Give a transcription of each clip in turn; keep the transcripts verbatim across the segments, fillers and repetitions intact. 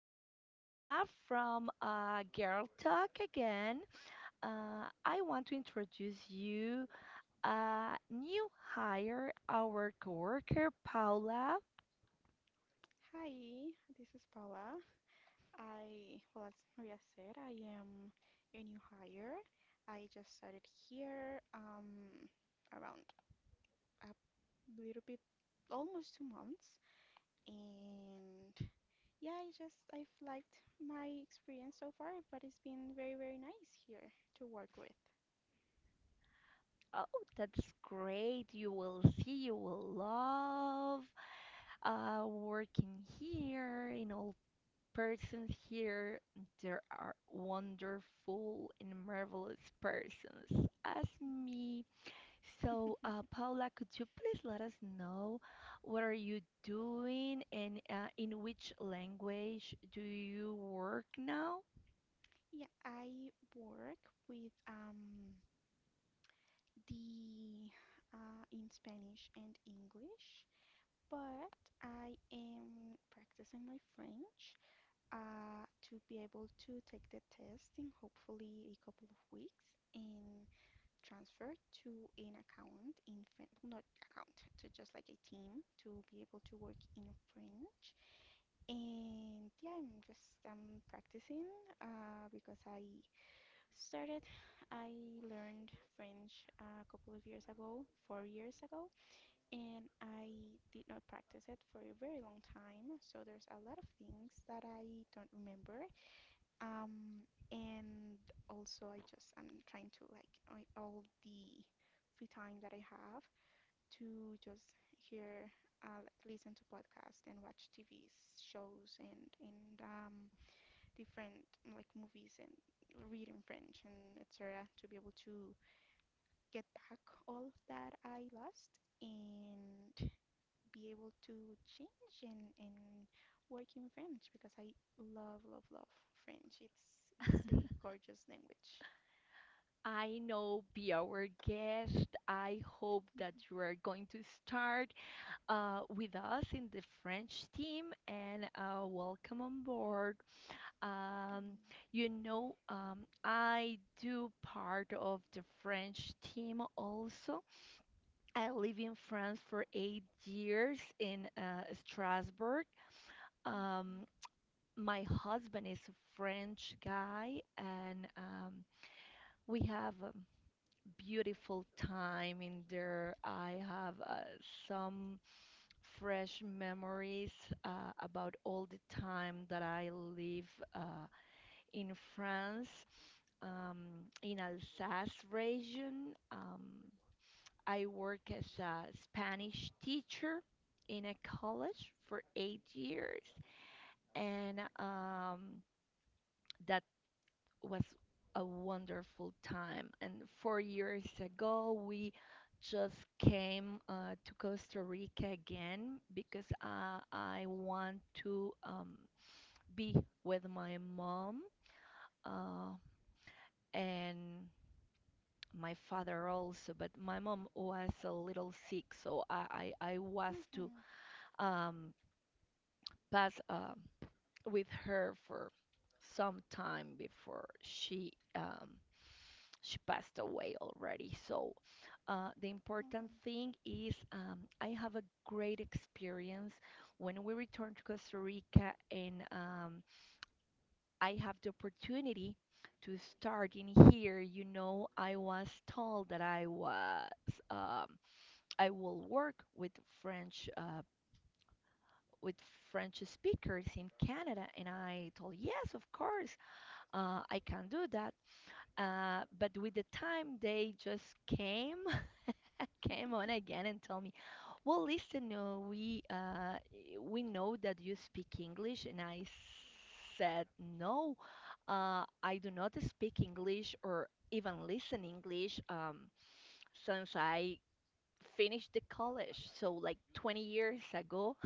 It's Maria from uh, Girl Talk again. Uh, I want to introduce you a new hire, our coworker Paula. Hi, this is Paula. I, well, as Maria said, I am a new hire. I just started here um, around a little bit, almost two months. And yeah, I just, I've liked my experience so far, but it's been very, very nice here to work with. Oh, that's great. You will see, you will love uh, working here in all persons here. There are wonderful and marvelous persons as me. So, uh, Paula, could you please let us know what are you doing and uh, in which language do you work now? Yeah, I work with um, the, uh, in Spanish and English. But I am practicing my French uh, to be able to take the test in hopefully a couple of weeks and transfer to an account in French, not account, to just like a team to be able to work in French. And yeah, I'm just I'm practicing uh, because I started, I learned French a couple of years ago, four years ago, and I did not practice it for a very long time. So there's a lot of things that I don't remember. Um, and also I just I'm trying to like I- all the free time that I have to just hear, uh, like listen to podcasts and watch T V shows and and um, different like movies and reading French and et cetera, to be able to get back all that I lost and be able to change and, and work in French because I love, love, love French. It's it's a gorgeous language. I know be our guest. I hope that Mhm, you are going to start uh, with us in the French team and uh, welcome on board. Um, you know, um, I do part of the French team also. I live in France for eight years in uh, Strasbourg. Um, my husband is a French guy, and um, we have a beautiful time in there. I have uh, some fresh memories uh, about all the time that I live uh, in France, um, in Alsace region. Um, I work as a Spanish teacher in a college for eight years, and um, that was a wonderful time. And four years ago, we just came uh, to Costa Rica again because uh, I want to um, be with my mom. Uh, and my father also, but my mom was a little sick, so I I, I was to mhm, um, pass uh, with her for some time before she um, she passed away already. So uh, the important mhm. thing is, um, I have a great experience when we returned to Costa Rica, and um, I have the opportunity to start in here. You know, I was told that I was. Um, I will work with French uh, with French speakers in Canada, and I told yes, of course, uh, I can do that. Uh, but with the time, they just came came on again and told me, well, listen, no, we uh, we know that you speak English, and I said no, uh, I do not speak English or even listen English um, since I finished the college. So like twenty years ago,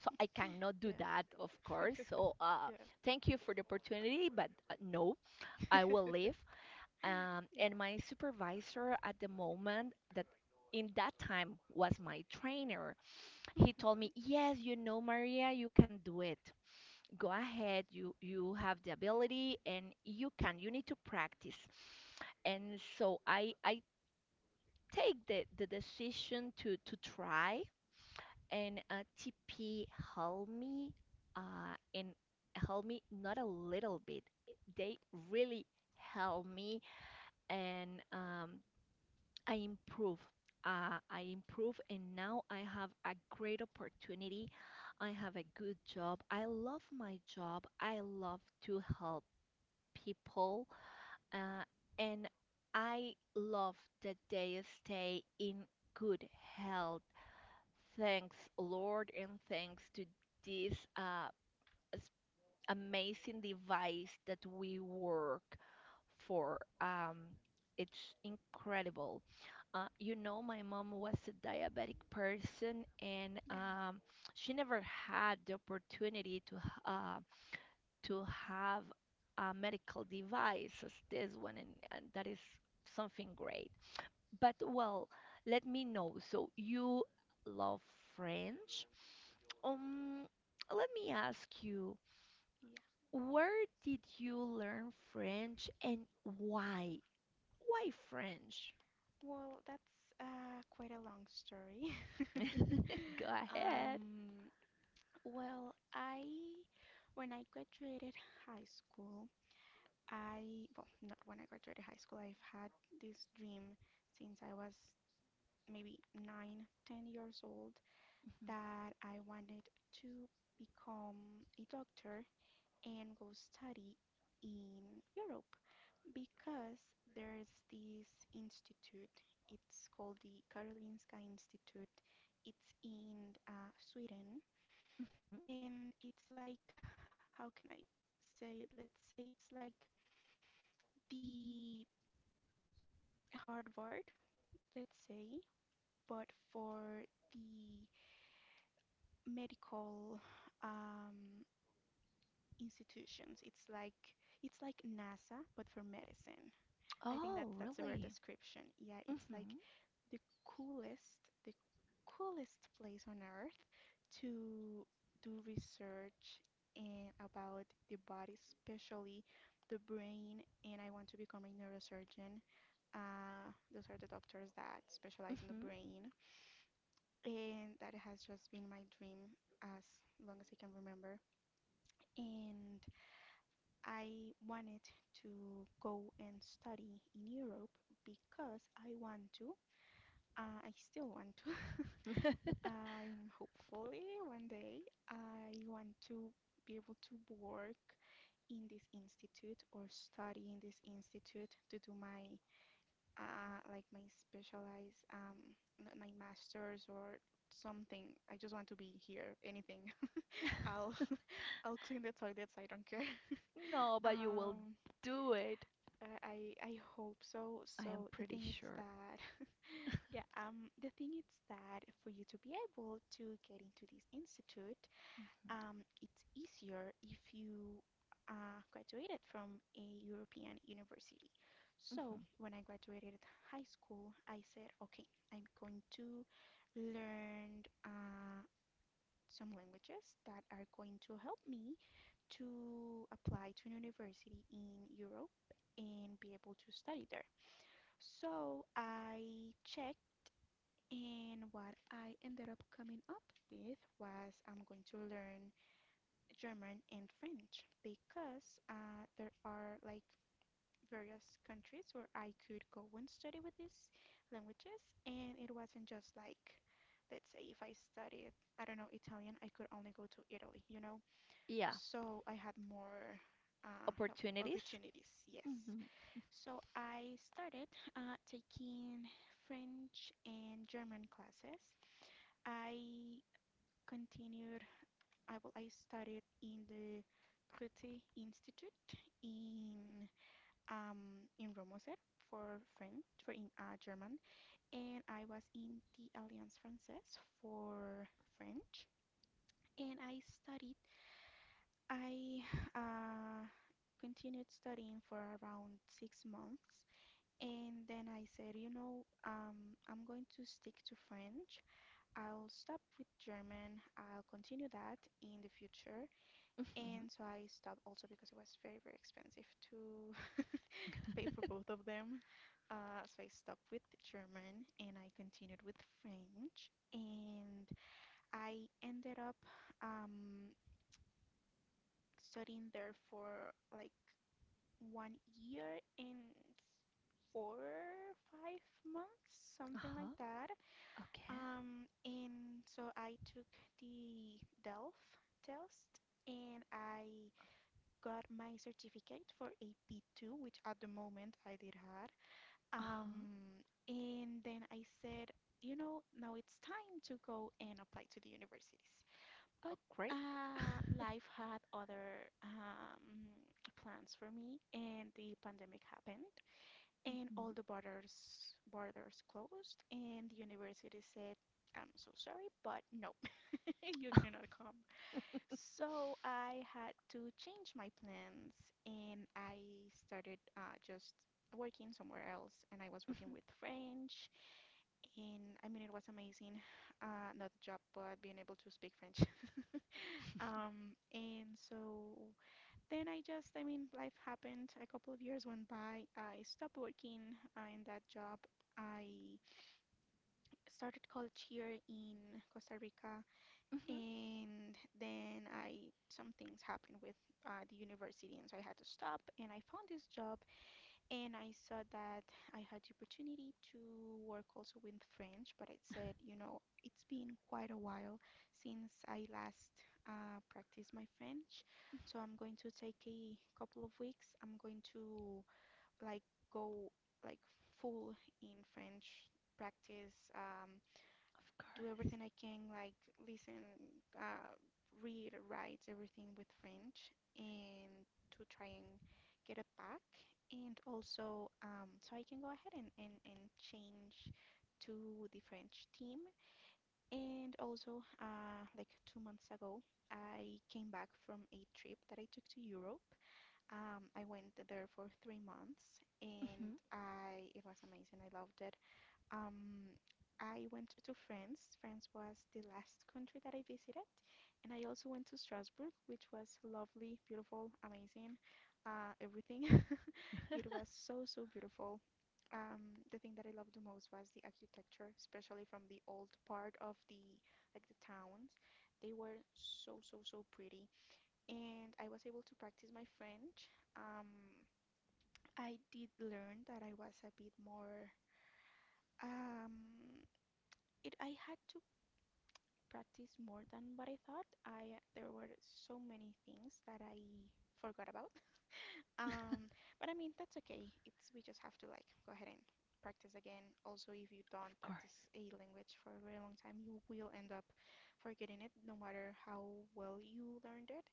so I cannot do that, of Yeah. course. So uh, Yeah. thank you for the opportunity, but uh, no, I will leave. Um, Yeah. And my supervisor at the moment that in that time was my trainer. He told me, Mhm. "Yes, you know, Maria, you can do it. Go ahead. You you have the ability, and you can. You need to practice." And so I I take the the decision to to try and uh, T P helped me uh, and helped me not a little bit. They really helped me, and um, I improve. Uh, I improve, and now I have a great opportunity. I have a good job. I love my job. I love to help people, uh, and I love that they stay in good health. Thanks, Lord, and thanks to this uh, s- amazing device that we work for. Um, it's incredible. Uh, you know, my mom was a diabetic person, and Yeah. um, she never had the opportunity to h- uh, to have a medical device as this one, and, and that is something great. But well, let me know. So you love French. Um, Let me ask you, Yeah. where did you learn French and why? Why French? Well, that's uh, quite a long story. Go ahead. Um, well, I When I graduated high school, I, well, not when I graduated high school, I've had this dream since I was maybe nine, ten years old hmm that I wanted to become a doctor and go study in Europe because there's this institute. It's called the Karolinska Institute. It's in uh, Sweden hmm and it's like, how can I say it? Let's say it's like the Harvard, let's say, but for the medical um, institutions. It's like it's like NASA, but for medicine. I think Oh, that's that's a rare really? description. Yeah, it's like hmm the coolest, the coolest place on earth to do research and about the body, especially the brain. And I want to become a neurosurgeon. Uh, those are the doctors that specialize in the hmm brain. And that has just been my dream as long as I can remember. And I wanted to go and study in Europe because I want to. Uh, I still want to. I'm hopefully one day I want to be able to work in this institute or study in this institute to do my uh, like my specialized um n- my master's or something. I just want to be here, anything. I'll I'll clean the toilets. I don't care. No, but you will Um, do it. uh, I I hope so. I am So the pretty thing is sure. that, yeah. Um, the thing is that for you to be able to get into this institute, hmm um, it's easier if you uh, graduated from a European university. So hmm when I graduated high school, I said, okay, I'm going to learn uh, some languages that are going to help me to apply to an university in Europe and be able to study there. So I checked, and what I ended up coming up with was I'm going to learn German and French because uh, there are like various countries where I could go and study with these languages, and it wasn't just like, let's say if I studied, I don't know, Italian, I could only go to Italy, you know? Yeah, So I had more uh, help opportunities. opportunities. Yes. hmm So I started uh, taking French and German classes. I continued. I well, I studied in the Goethe Institute in um, in Romoser for French, for in uh, German, and I was in the Alliance Française for French, and I studied I uh, continued studying for around six months, and then I said, you know, um, I'm going to stick to French. I'll stop with German. I'll continue that in the future. hmm And so I stopped also because it was very, very expensive to pay for both of them. Uh, so I stopped with German and I continued with French. And I ended up um, studying there for like one year and four, five months, something like Uh-huh. that. Okay. Um, and so I took the DELF test and I got my certificate for A P two, which at the moment I did had. Uh-huh. Um, and then I said, you know, now it's time to go and apply to the universities. But Upgrade? uh, life had other um, plans for me, and the pandemic happened, and all hmm the borders borders closed, and the university said, "I'm so sorry, but no, you cannot come." So I had to change my plans, and I started uh, just working somewhere else, and I was working hmm with French, and I mean it was amazing. Uh, not the job, but being able to speak French. Um, and so then I just, I mean, life happened. A couple of years went by. I stopped working uh, in that job. I started college here in Costa Rica, Of and then I some things happened with uh, the university, and so I had to stop. And I found this job and I saw that I had the opportunity to work also with French, but I said, you know, it's been quite a while since I last uh, practiced my French, so I'm going to take a couple of weeks. I'm going to like go like full in French practice. Um, do course. everything I can, like listen, uh, read, write everything with French, and to try and get it back. And also, um, so I can go ahead and, and, and change to the French team. And also, uh, like two months ago, I came back from a trip that I took to Europe. Um, I went there for three months, and hmm I it was amazing. I loved it. Um, I went to France. France was the last country that I visited. And I also went to Strasbourg, which was lovely, beautiful, amazing, uh, everything. It was so, so beautiful. Um, the thing that I loved the most was the architecture, especially from the old part of the like the towns. They were so, so, so pretty. And I was able to practice my French. Um, I did learn that I was a bit more um, it I had to practiced more than what I thought. I There were so many things that I forgot about. Um, but I mean that's okay. It's We just have to like go ahead and practice again. Also, if you don't Of course. practice a language for a very long time, you will end up forgetting it, no matter how well you learned it.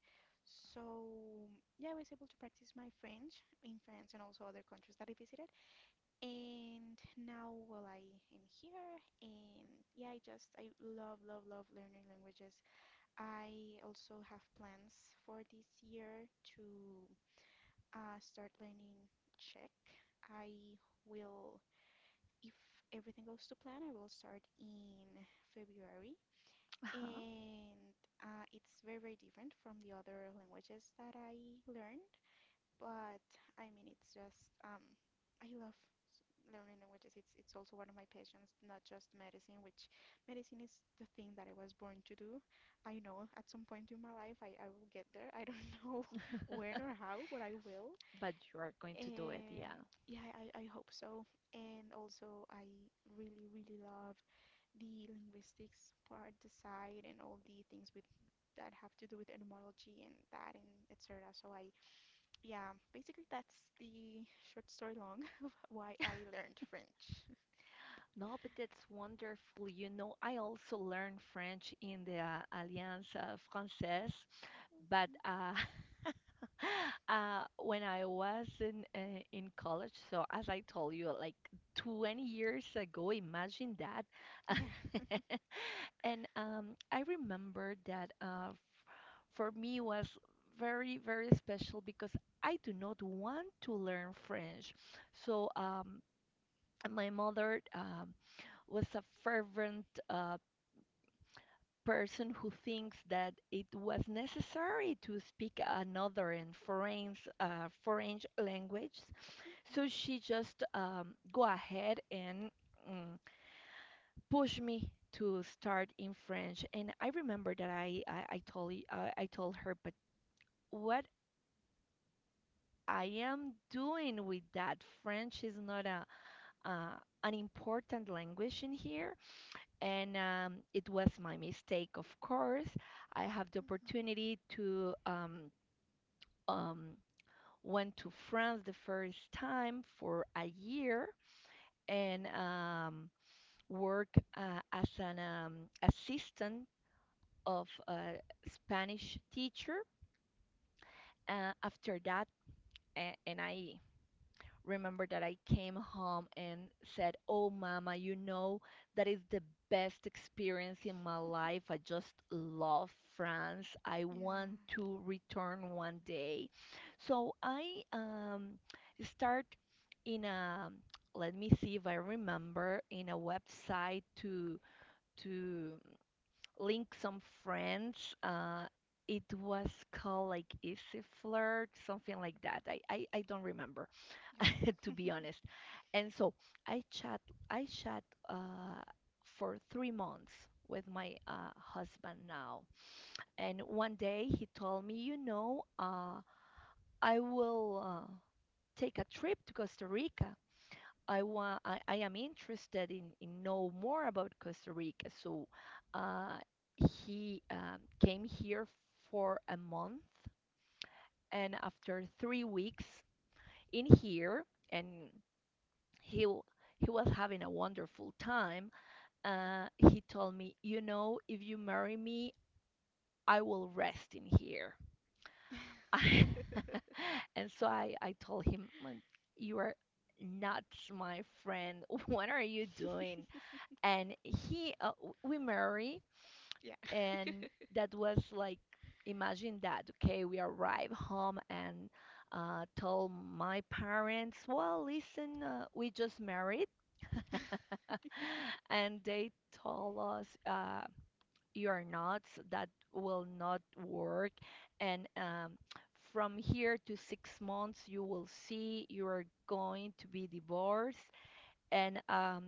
So yeah, I was able to practice my French in France and also other countries that I visited. And now, well, I am here, and yeah, I just I love, love, love learning languages. I also have plans for this year to uh, start learning Czech. I will, if everything goes to plan, I will start in February. Uh-huh. And uh, it's very, very different from the other languages that I learned. But I mean, it's just, um, I love learning languages. It's it's also one of my passions, not just medicine, which medicine is the thing that I was born to do. I know at some point in my life i, I will get there. I don't know when or how, but I will. But you are going to do it, And yeah. yeah, I, I hope so. And also I really really love the linguistics part, the side, and all the things with that have to do with etymology and that, and etc. So I yeah, basically that's the short story long of why I learned french. No, but that's wonderful. You know, I also learned French in the uh, Alliance uh, Française, but uh, uh, when I was in uh, in college, so as I told you, like twenty years ago, imagine that. Yeah. And um, I remember that uh, f- for me was very, very special because I do not want to learn French. So um, my mother um, was a fervent uh, person who thinks that it was necessary to speak another and foreign uh, foreign language. So she just um, go ahead and mm, push me to start in French. And I remember that I I, I told I I told her, but what I am doing with that French is not a uh, an important language in here and um, it was my mistake, of course. I have the Mhm. opportunity to um, um, went to France the first time for a year and um, work uh, as an um, assistant of a Spanish teacher. Uh, after that, a- And I remember that I came home and said, "Oh, mama, you know, that is the best experience in my life. I just love France. I want Mhm. to return one day." So I um, start in a, let me see if I remember, in a website to to link some friends. Uh, it was called like Easy Flirt, something like that. I, I, I don't remember. To Yeah. be honest. And so I chat I chat uh, for three months with my uh, husband now. And one day he told me, you know, uh, I will uh, take a trip to Costa Rica. I want I, I am interested in, in know more about Costa Rica. So uh, he um, came here for a month and after three weeks in here and he w- he was having a wonderful time. Uh, he told me, you know, if you marry me, I will rest in here. Yeah. And so I I told him, "Mm, you are not my friend." What are you doing? And he uh, w- we marry, Yeah. and that was like imagine that. Okay, we arrive home and. Uh, told my parents, well, listen, uh, we just married and they told us, uh, you're nuts, that will not work, and um, from here to six months you will see you are going to be divorced, and um,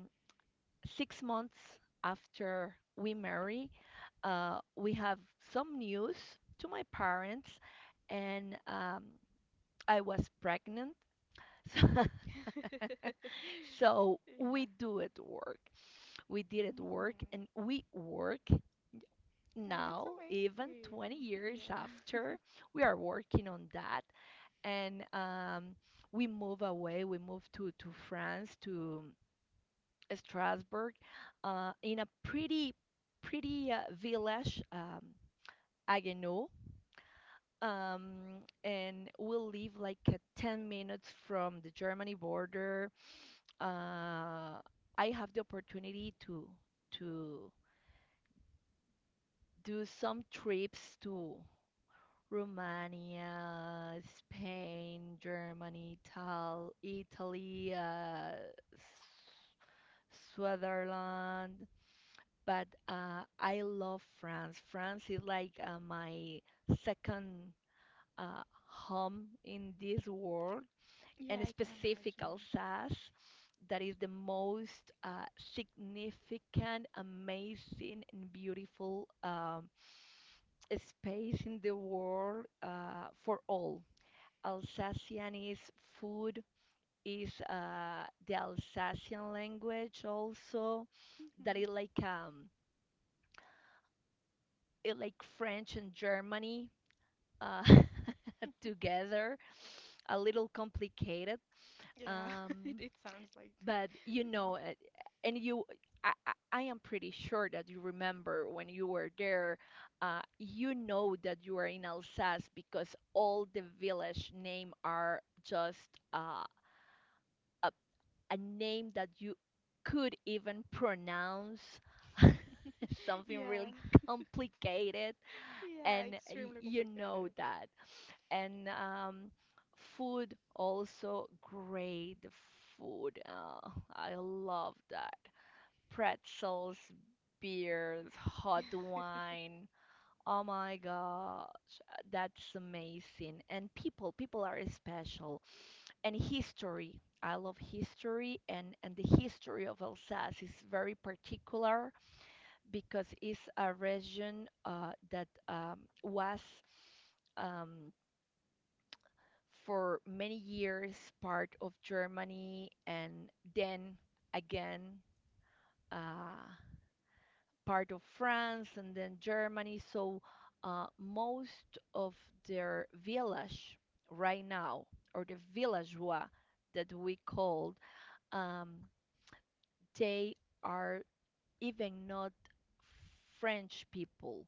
six months after we marry, uh, we have some news to my parents, and um, I was pregnant. So so Yeah. we do it work. We did it work, Mhm. and we work Yeah, but that's now, even amazing. twenty years Yeah. after, we are working on that. And um, we move away, we move to, to France, to Strasbourg, uh, in a pretty, pretty uh, village, um, Haguenau. Um, and we live like uh, ten minutes from the Germany border. Uh, I have the opportunity to to do some trips to Romania, Spain, Germany, Tal Italy, uh, S- Switzerland. But uh, I love France. France is like uh, my second uh, home in this world, Yeah, and I can specific imagine. Alsace, that is the most uh, significant, amazing, and beautiful um, space in the world uh, for all. Alsacianese food is, uh, the Alsacian language also, that is Hmm. like, um, it like French and Germany, uh, together, a little complicated. Yeah, it, um, it sounds like, yeah, but you know, uh, and you, I, I I am pretty sure that you remember when you were there. Uh, you know that you are in Alsace because all the village name are just uh, a name that you could even pronounce, something yeah, really complicated. yeah, And y- extremely you know complicated. that. And um, food also, great food. uh, I love that. Pretzels, beers, hot wine, oh my God, that's amazing. And people people are special, and history. I love history, and, and the history of Alsace is very particular because it's a region uh, that, um, was, um, for many years part of Germany, and then again uh, part of France, and then Germany. So uh, most of their village right now, or the villageois that we called, um, they are even not French people.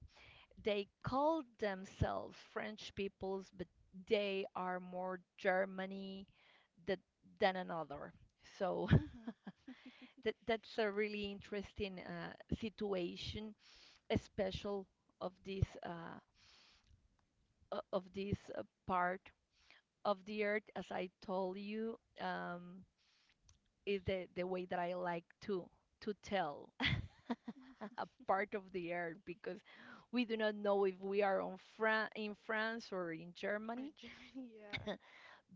They call themselves French peoples, but they are more Germany th- than another. So Hmm. that, that's a really interesting uh, situation, especially of this uh, o- of this uh, part of the earth. As I told you, um, is the, the way that I like to to tell. A part of the earth because we do not know if we are on Fran- in France or in Or Germany, Germany, yeah.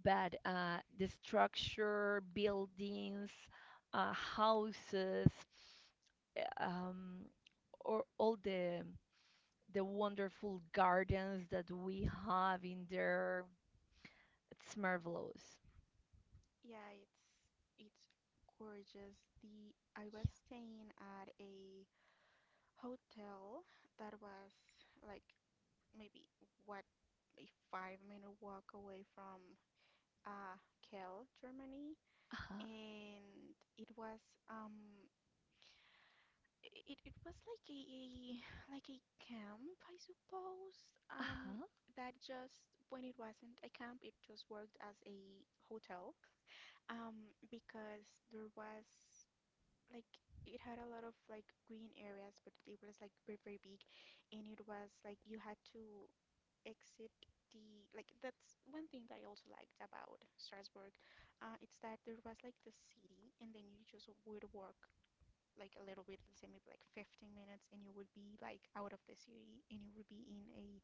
but uh, the structure, buildings, uh, houses, uh, um, or all the the wonderful gardens that we have in there. It's marvelous. Yeah, it's it's gorgeous. The I was staying at a hotel that was like maybe what a five minute walk away from uh Kiel, Germany, Yeah. Uh-huh. and it was um i- it it was like a, a like a camp, I suppose. Um, Uh-huh. that just when it wasn't a camp, it just worked as a hotel um, because there was like it had a lot of like green areas, but it was like very, very big, and it was like you had to exit the like that's one thing that I also liked about Strasbourg. Uh, it's that there was like the city, and then you just would walk like a little bit, let's say maybe like fifteen minutes, and you would be like out of the city, and you would be in a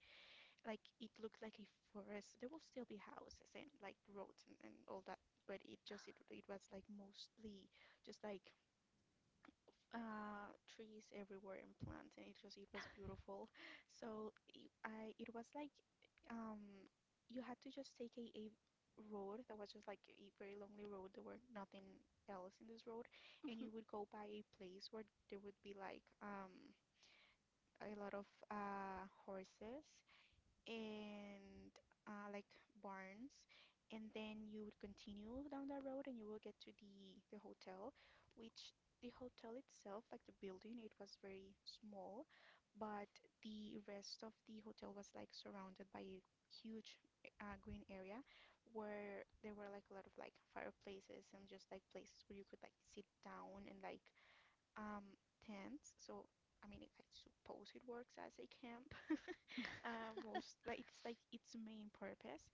like it looked like a forest. There will still be houses and like roads and, and all that, but it just it, it was like mostly just like uh, trees everywhere and plants, and it just it was beautiful. So it, I it was like um, you had to just take a, a road that was just like a very lonely road. There were nothing else in this road, and Mhm. you would go by a place where there would be like um, a lot of uh, horses and uh, like barns, and then you would continue down that road and you will get to the the hotel which the hotel itself like the building, it was very small, but the rest of the hotel was like surrounded by a huge uh, green area where there were like a lot of like fireplaces and just like places where you could like sit down and like um tents. So I mean, it, I suppose it works as a camp. uh, most like it's like its main purpose.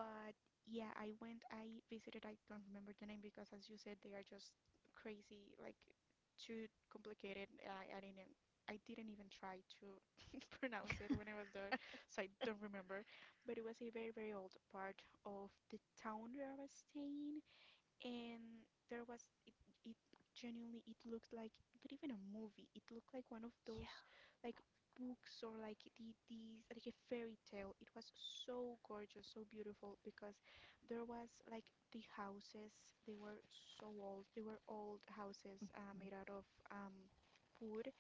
But yeah, I went, I visited. I don't remember the name because, as you said, they are just crazy, like too complicated. I, I didn't. e, I didn't even try to pronounce it when I was there, so I don't remember. But it was a very, very old part of the town where I was staying, and there was it, it genuinely it looked like not even a movie, it looked like one of those like books or like the these like a fairy tale. It was so gorgeous, so beautiful, because there was like the houses, they were so old. They were old houses uh, Yeah. made out of um, wood,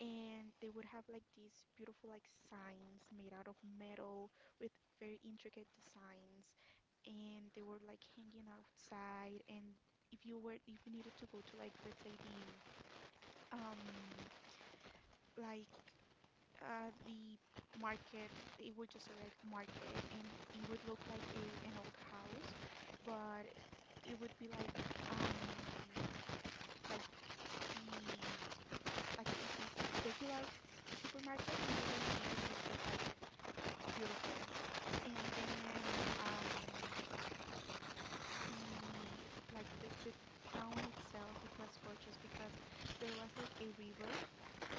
and they would have like these beautiful like signs made out of metal with very intricate designs, and they were like hanging outside. And if you were if you needed to go to like let's say the um like uh the market, it would just say like market, and it would look like a an old house, but it would be like um like the like a, a regular supermarket. When you went in, it was just like beautiful. And then um, the like the, the town itself, it was gorgeous because there was like a river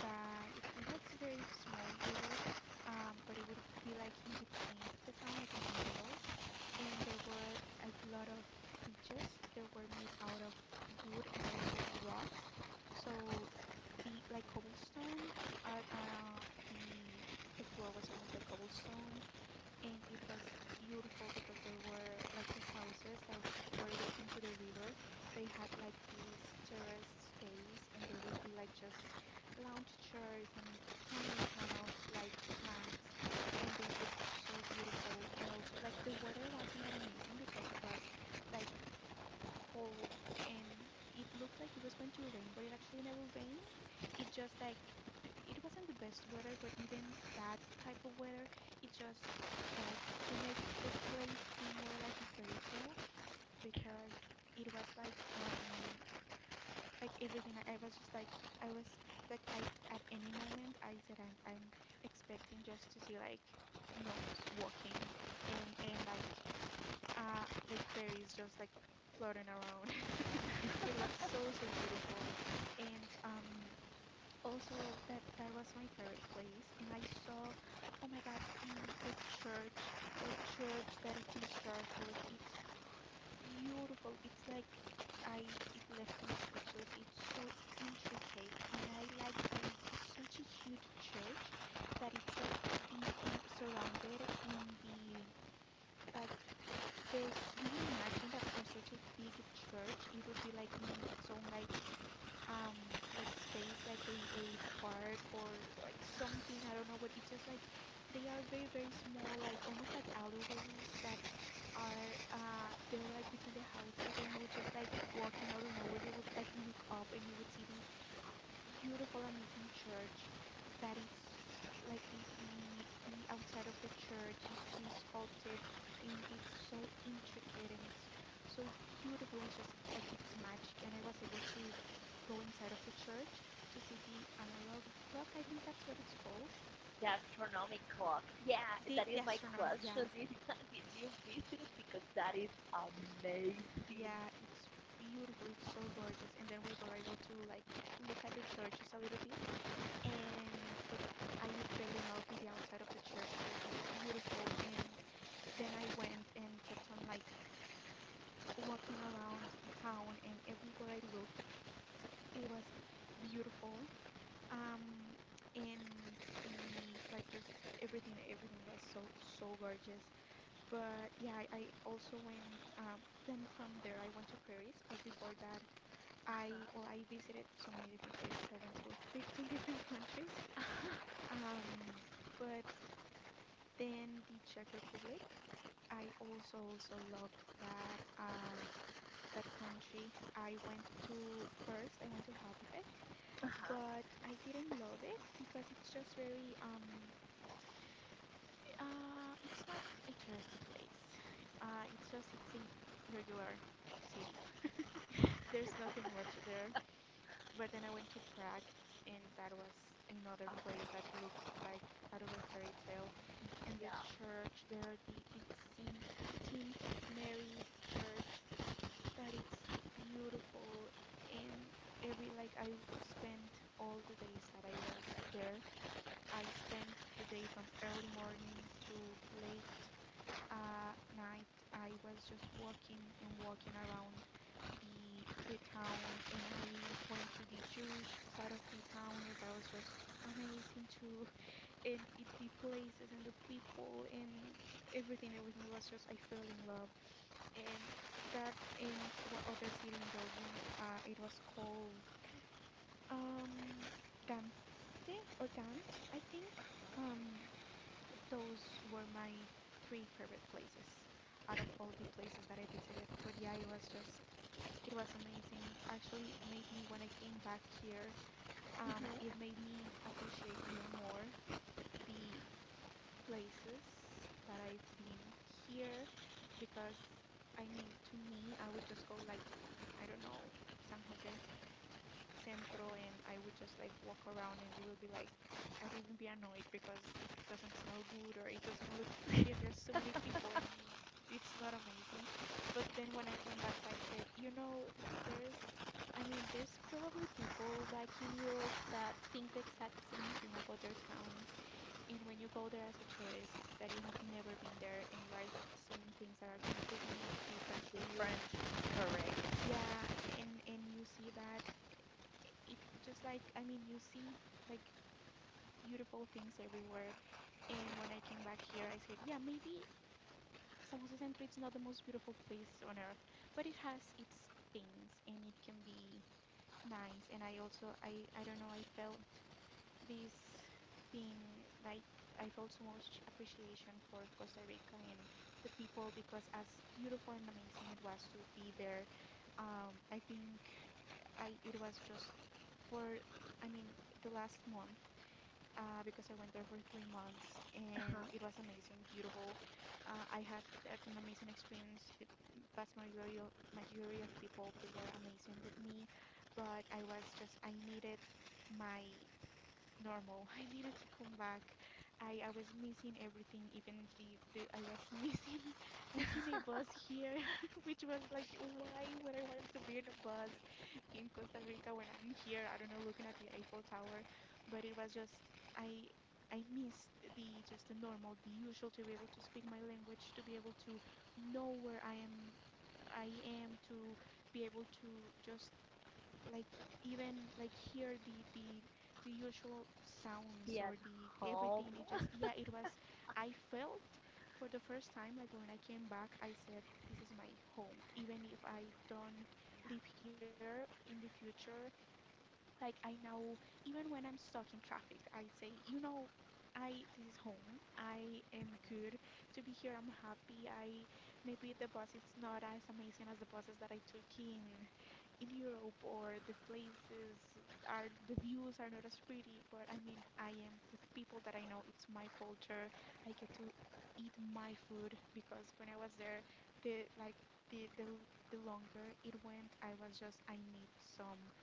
that it, it was a very small river, um, but it would be like in between the town, like in the middle. And there were a lot of bridges that were made out of wood and also rocks. So the like cobblestone, uh, uh, the the floor was almost like cobblestone, and it was beautiful because there were like the houses that were looking to the river. They had like this terraced space, and there would be like just lounge chairs and a ton, a ton of like plants, and they looked so beautiful. And also, like the weather wasn't that amazing because it was like cold, and it looked like it was going to rain, but it actually never rained. It just like it wasn't the best weather, but even that type of weather, it just helped to make the place seem more like a fairy tale, because it was like um like everything. I, I was just like I was like I at any moment I said I'm I'm expecting just to see like gnomes walking and and like uh, like fairies just like floating around. It was so so beautiful, and um, also that that was my favorite place. And I saw, oh my God, the the church, the church that it's in Strasbourg. It's beautiful. It's like I it left me speechless. It's so intricate, and I like that it's, it's such a huge church that it's like in in surrounded in the like there's you would imagine that for such a big church it would be like in its own like um like space, like a, a park or like something. I don't know what. It's just like they are very very small like almost like alleyways that are uh they're like between the houses, and you would just like walk, and out of nowhere you would like look up and you would see these beautiful, amazing church that it's like the the the outside of the church. It's been sculpted, and it's so intricate and it's so beautiful. And it's just it, like it's magic. And I was able to go inside of the church to see the analog clock. I think that's what it's called. The gastronomic clock. Yeah, The that is the my astronomy. question. Yeah, Did you visit it? Because that is amazing. yeah. It's beautiful. It's so gorgeous. And then we were able to like look at the church just a little bit and but I fell in love with the outside of the church. It was just beautiful. And then I went and kept on like walking around the town, and everywhere I looked, it was beautiful. Um, and the like just everything, everything was so so gorgeous. But yeah, I, I also went. Um, then from there, I went to Paris. But before that, I well, I visited so many different places. I went to fifteen different countries. Um, but then the Czech Republic. I also also loved that uh, that country. I went to first. I went to Hadrek, but I didn't love it because it's just very um uh it's not a touristy place. Uh, it's just it's a regular city. There's nothing much there. But then I went to Prague, and that was another Uh, place that looked like out of a fairy tale. In yeah. the church there, are the, the Saint Tint Mary Church, that it's beautiful. And every like I spent all the days that I was there. I spent the day from early morning to late uh, night. I was just walking and walking around the the town, and I went to the Jewish side of the town, and that was just amazing too. And it, the places and the people and everything, everything was just I fell in love. And that in what other city in Belgium, uh, it was called um Gante or Gant, I think. Um, those were my three favorite places out of all the places that I visited. But yeah, it was just it was amazing. It actually it made me when I came back here, um, it made me appreciate even more the places that I've been here because I mean to me I would just go like to I don't know San Jose Centro, and I would just like walk around, and it will be like I'd even be annoyed because it doesn't smell good or it doesn't look pretty and there's so many people and it's not amazing. But then when I came back I'd said, you know, there's I mean, there's probably people back in Europe that think the exact same thing about their towns, and when you go there as a tourist that you have never been there and you are seeing things that are completely different for you, Different, correct. yeah, and and you see that i- it just like I mean you see like beautiful things everywhere. And when I came back here, I said, yeah, maybe San Jose Centro it's not the most beautiful place on earth, but it has its things and it can be nice. And I also I I don't know, I felt this thing like I felt so much appreciation for Costa Rica and the people because as beautiful and amazing it was to be there, um, I think I it was just for I mean the last month uh, because I went there for three months and Uh-huh. it was amazing, beautiful. uh, I had like, an amazing experience. The vast majority of, majority of people, they were amazing with me, but I was just I needed my normal. I needed to come back. I, I was missing everything, even the, the I was missing taking a bus here, which was like, why would I want to be in a bus in Costa Rica when I'm here? I don't know, looking at the Eiffel Tower, but it was just I I missed the just the normal, the usual, to be able to speak my language, to be able to know where I am I am, to be able to just like even like hear the the the usual sounds Be at or the home. everything. It just yeah it was I felt for the first time like when I came back I said this is my home even if I don't live here in the future. Like I now even when I'm stuck in traffic I say, you know, I this is home. I am good to be here. I'm happy. I maybe the bus is not as amazing as the buses that I took in in Europe, or the places are the views are not as pretty, but I mean, I am with people that I know. It's my culture. I get to eat my food because when I was there, the like the the l- the longer it went, I was just I need some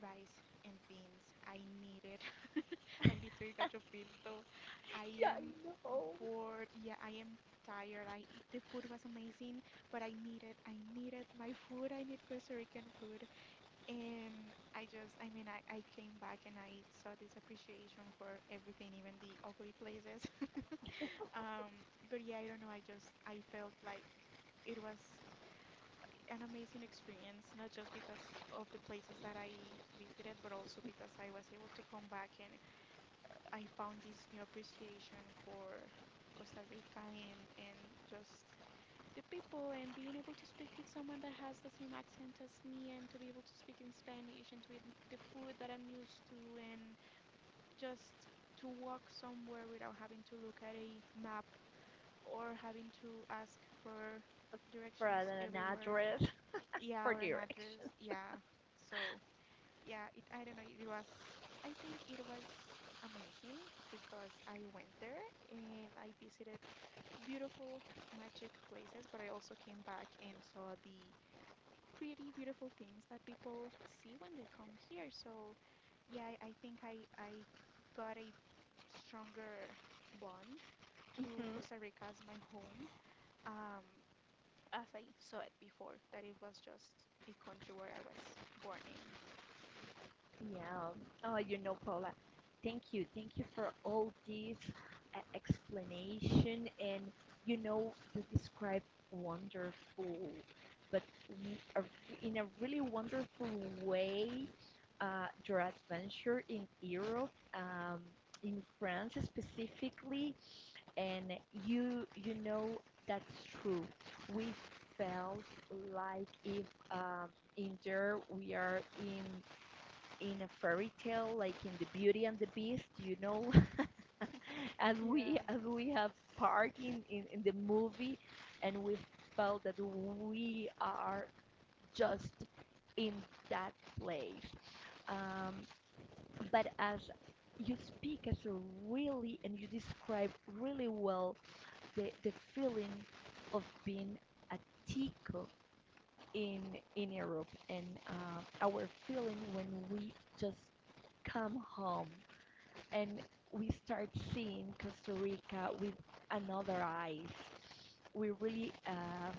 rice and beans. I need it. I need to eat gacho pinto. I Yeah, am I know. bored. Yeah, I am tired. I the food was amazing, but I needed I needed my food. I need Costa Rican food. And I just, I mean, I, I came back and I saw this appreciation for everything, even the ugly places. Um, but yeah, I don't know, I just, I felt like it was an amazing experience, not just because of the places that I visited, but also because I was able to come back and I found this new appreciation for Costa Rica and, and just the people, and being able to speak with someone that has the same accent as me and to be able to speak in Spanish and to eat the food that I'm used to and just to walk somewhere without having to look at a map or having to ask for For an directions everywhere. address, Yeah, for or an directions. address. Yeah. So, yeah, it I don't know, it was I think it was amazing because I went there and I visited beautiful magic places, but I also came back and saw the pretty beautiful things that people see when they come here. So, yeah, I I think I I got a stronger bond to hmm Costa Rica as my home, um, as I saw it before, that it was just a country where I was born in. Yeah. Oh, you know, Paula, thank you. Thank you for all this uh, explanation. And you know, you describe wonderful, but, w- a- in a really wonderful way, uh, your adventure in Europe, um, in France specifically, and you you know that's true. We felt like if, um, in there we are in in a fairy tale, like in the Beauty and the Beast, you know, as we Yeah, as we have parked in, in, in the movie, and we felt that we are just in that place. Um, but as you speak as a really, and you describe really well the, the feeling of being a tick in in Europe, and uh, our feeling when we just come home and we start seeing Costa Rica with another eyes. We really, uh,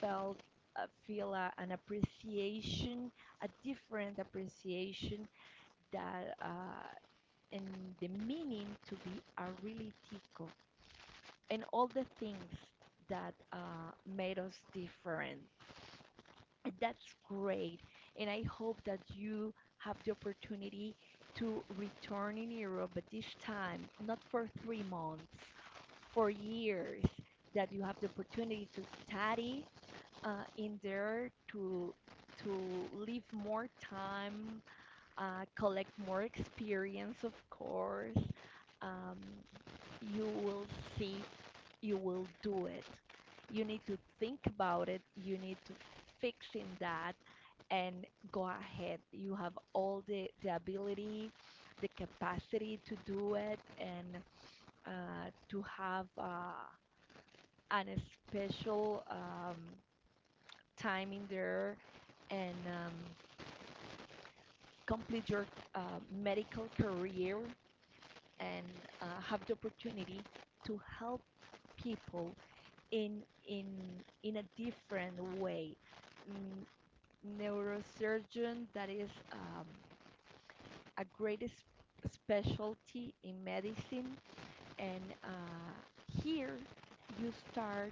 felt, uh, feel, uh, an appreciation, a different appreciation that, uh, and the meaning to be a really tico and all the things that, uh, made us different. That's great. And I hope that you have the opportunity to return in Europe, but this time, not for three months, for years, that you have the opportunity to study uh, in there, to, to live more time, uh, collect more experience, of course. Um, you will see, you will do it. You need to think about it, you need to fix in that and go ahead. You have all the, the ability, the capacity to do it, and uh, to have uh, an special um, time in there, and um, complete your uh, medical career, and uh, have the opportunity to help people in in in a different way. Mm, neurosurgeon, that is uh, a great specialty in medicine, and uh, here you start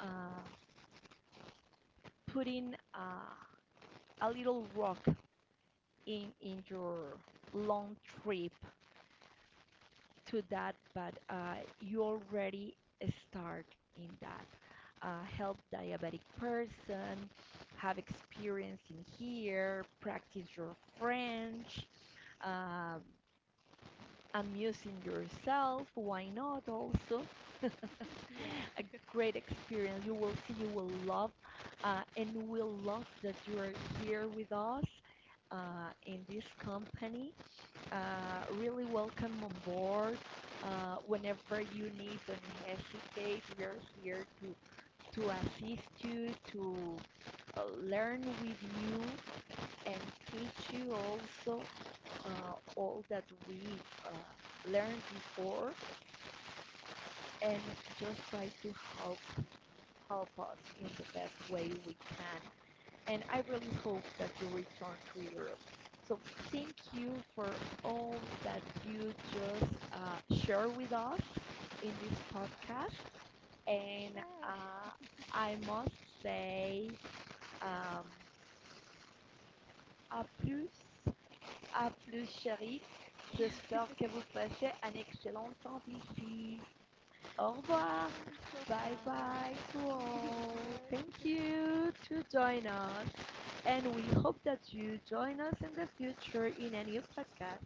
uh, putting uh, a little rock in in your long trip to that, but uh, you already start in that. Uh, help diabetic person, have experience in here, practice your French, uh, amusing yourself, why not also? A yeah, great experience. You will see, you will love, uh, and we love that you are here with us uh, in this company. Uh, really welcome on board. Uh, whenever you need, don't hesitate. We are here to, to assist you, to uh, learn with you, and teach you also uh, all that we uh, learned before, and just try to help help us in the best way we can. And I really hope that you return to Europe. So thank you for all that you just uh, share with us in this podcast. And sure. uh, I must say, um, à plus, à plus chérie. J'espère que vous passez un excellent temps ici. Au revoir. Ah, Bye wow, bye to merci, all. Thank bye. you to join us. And we hope that you join us in the future in a new podcast.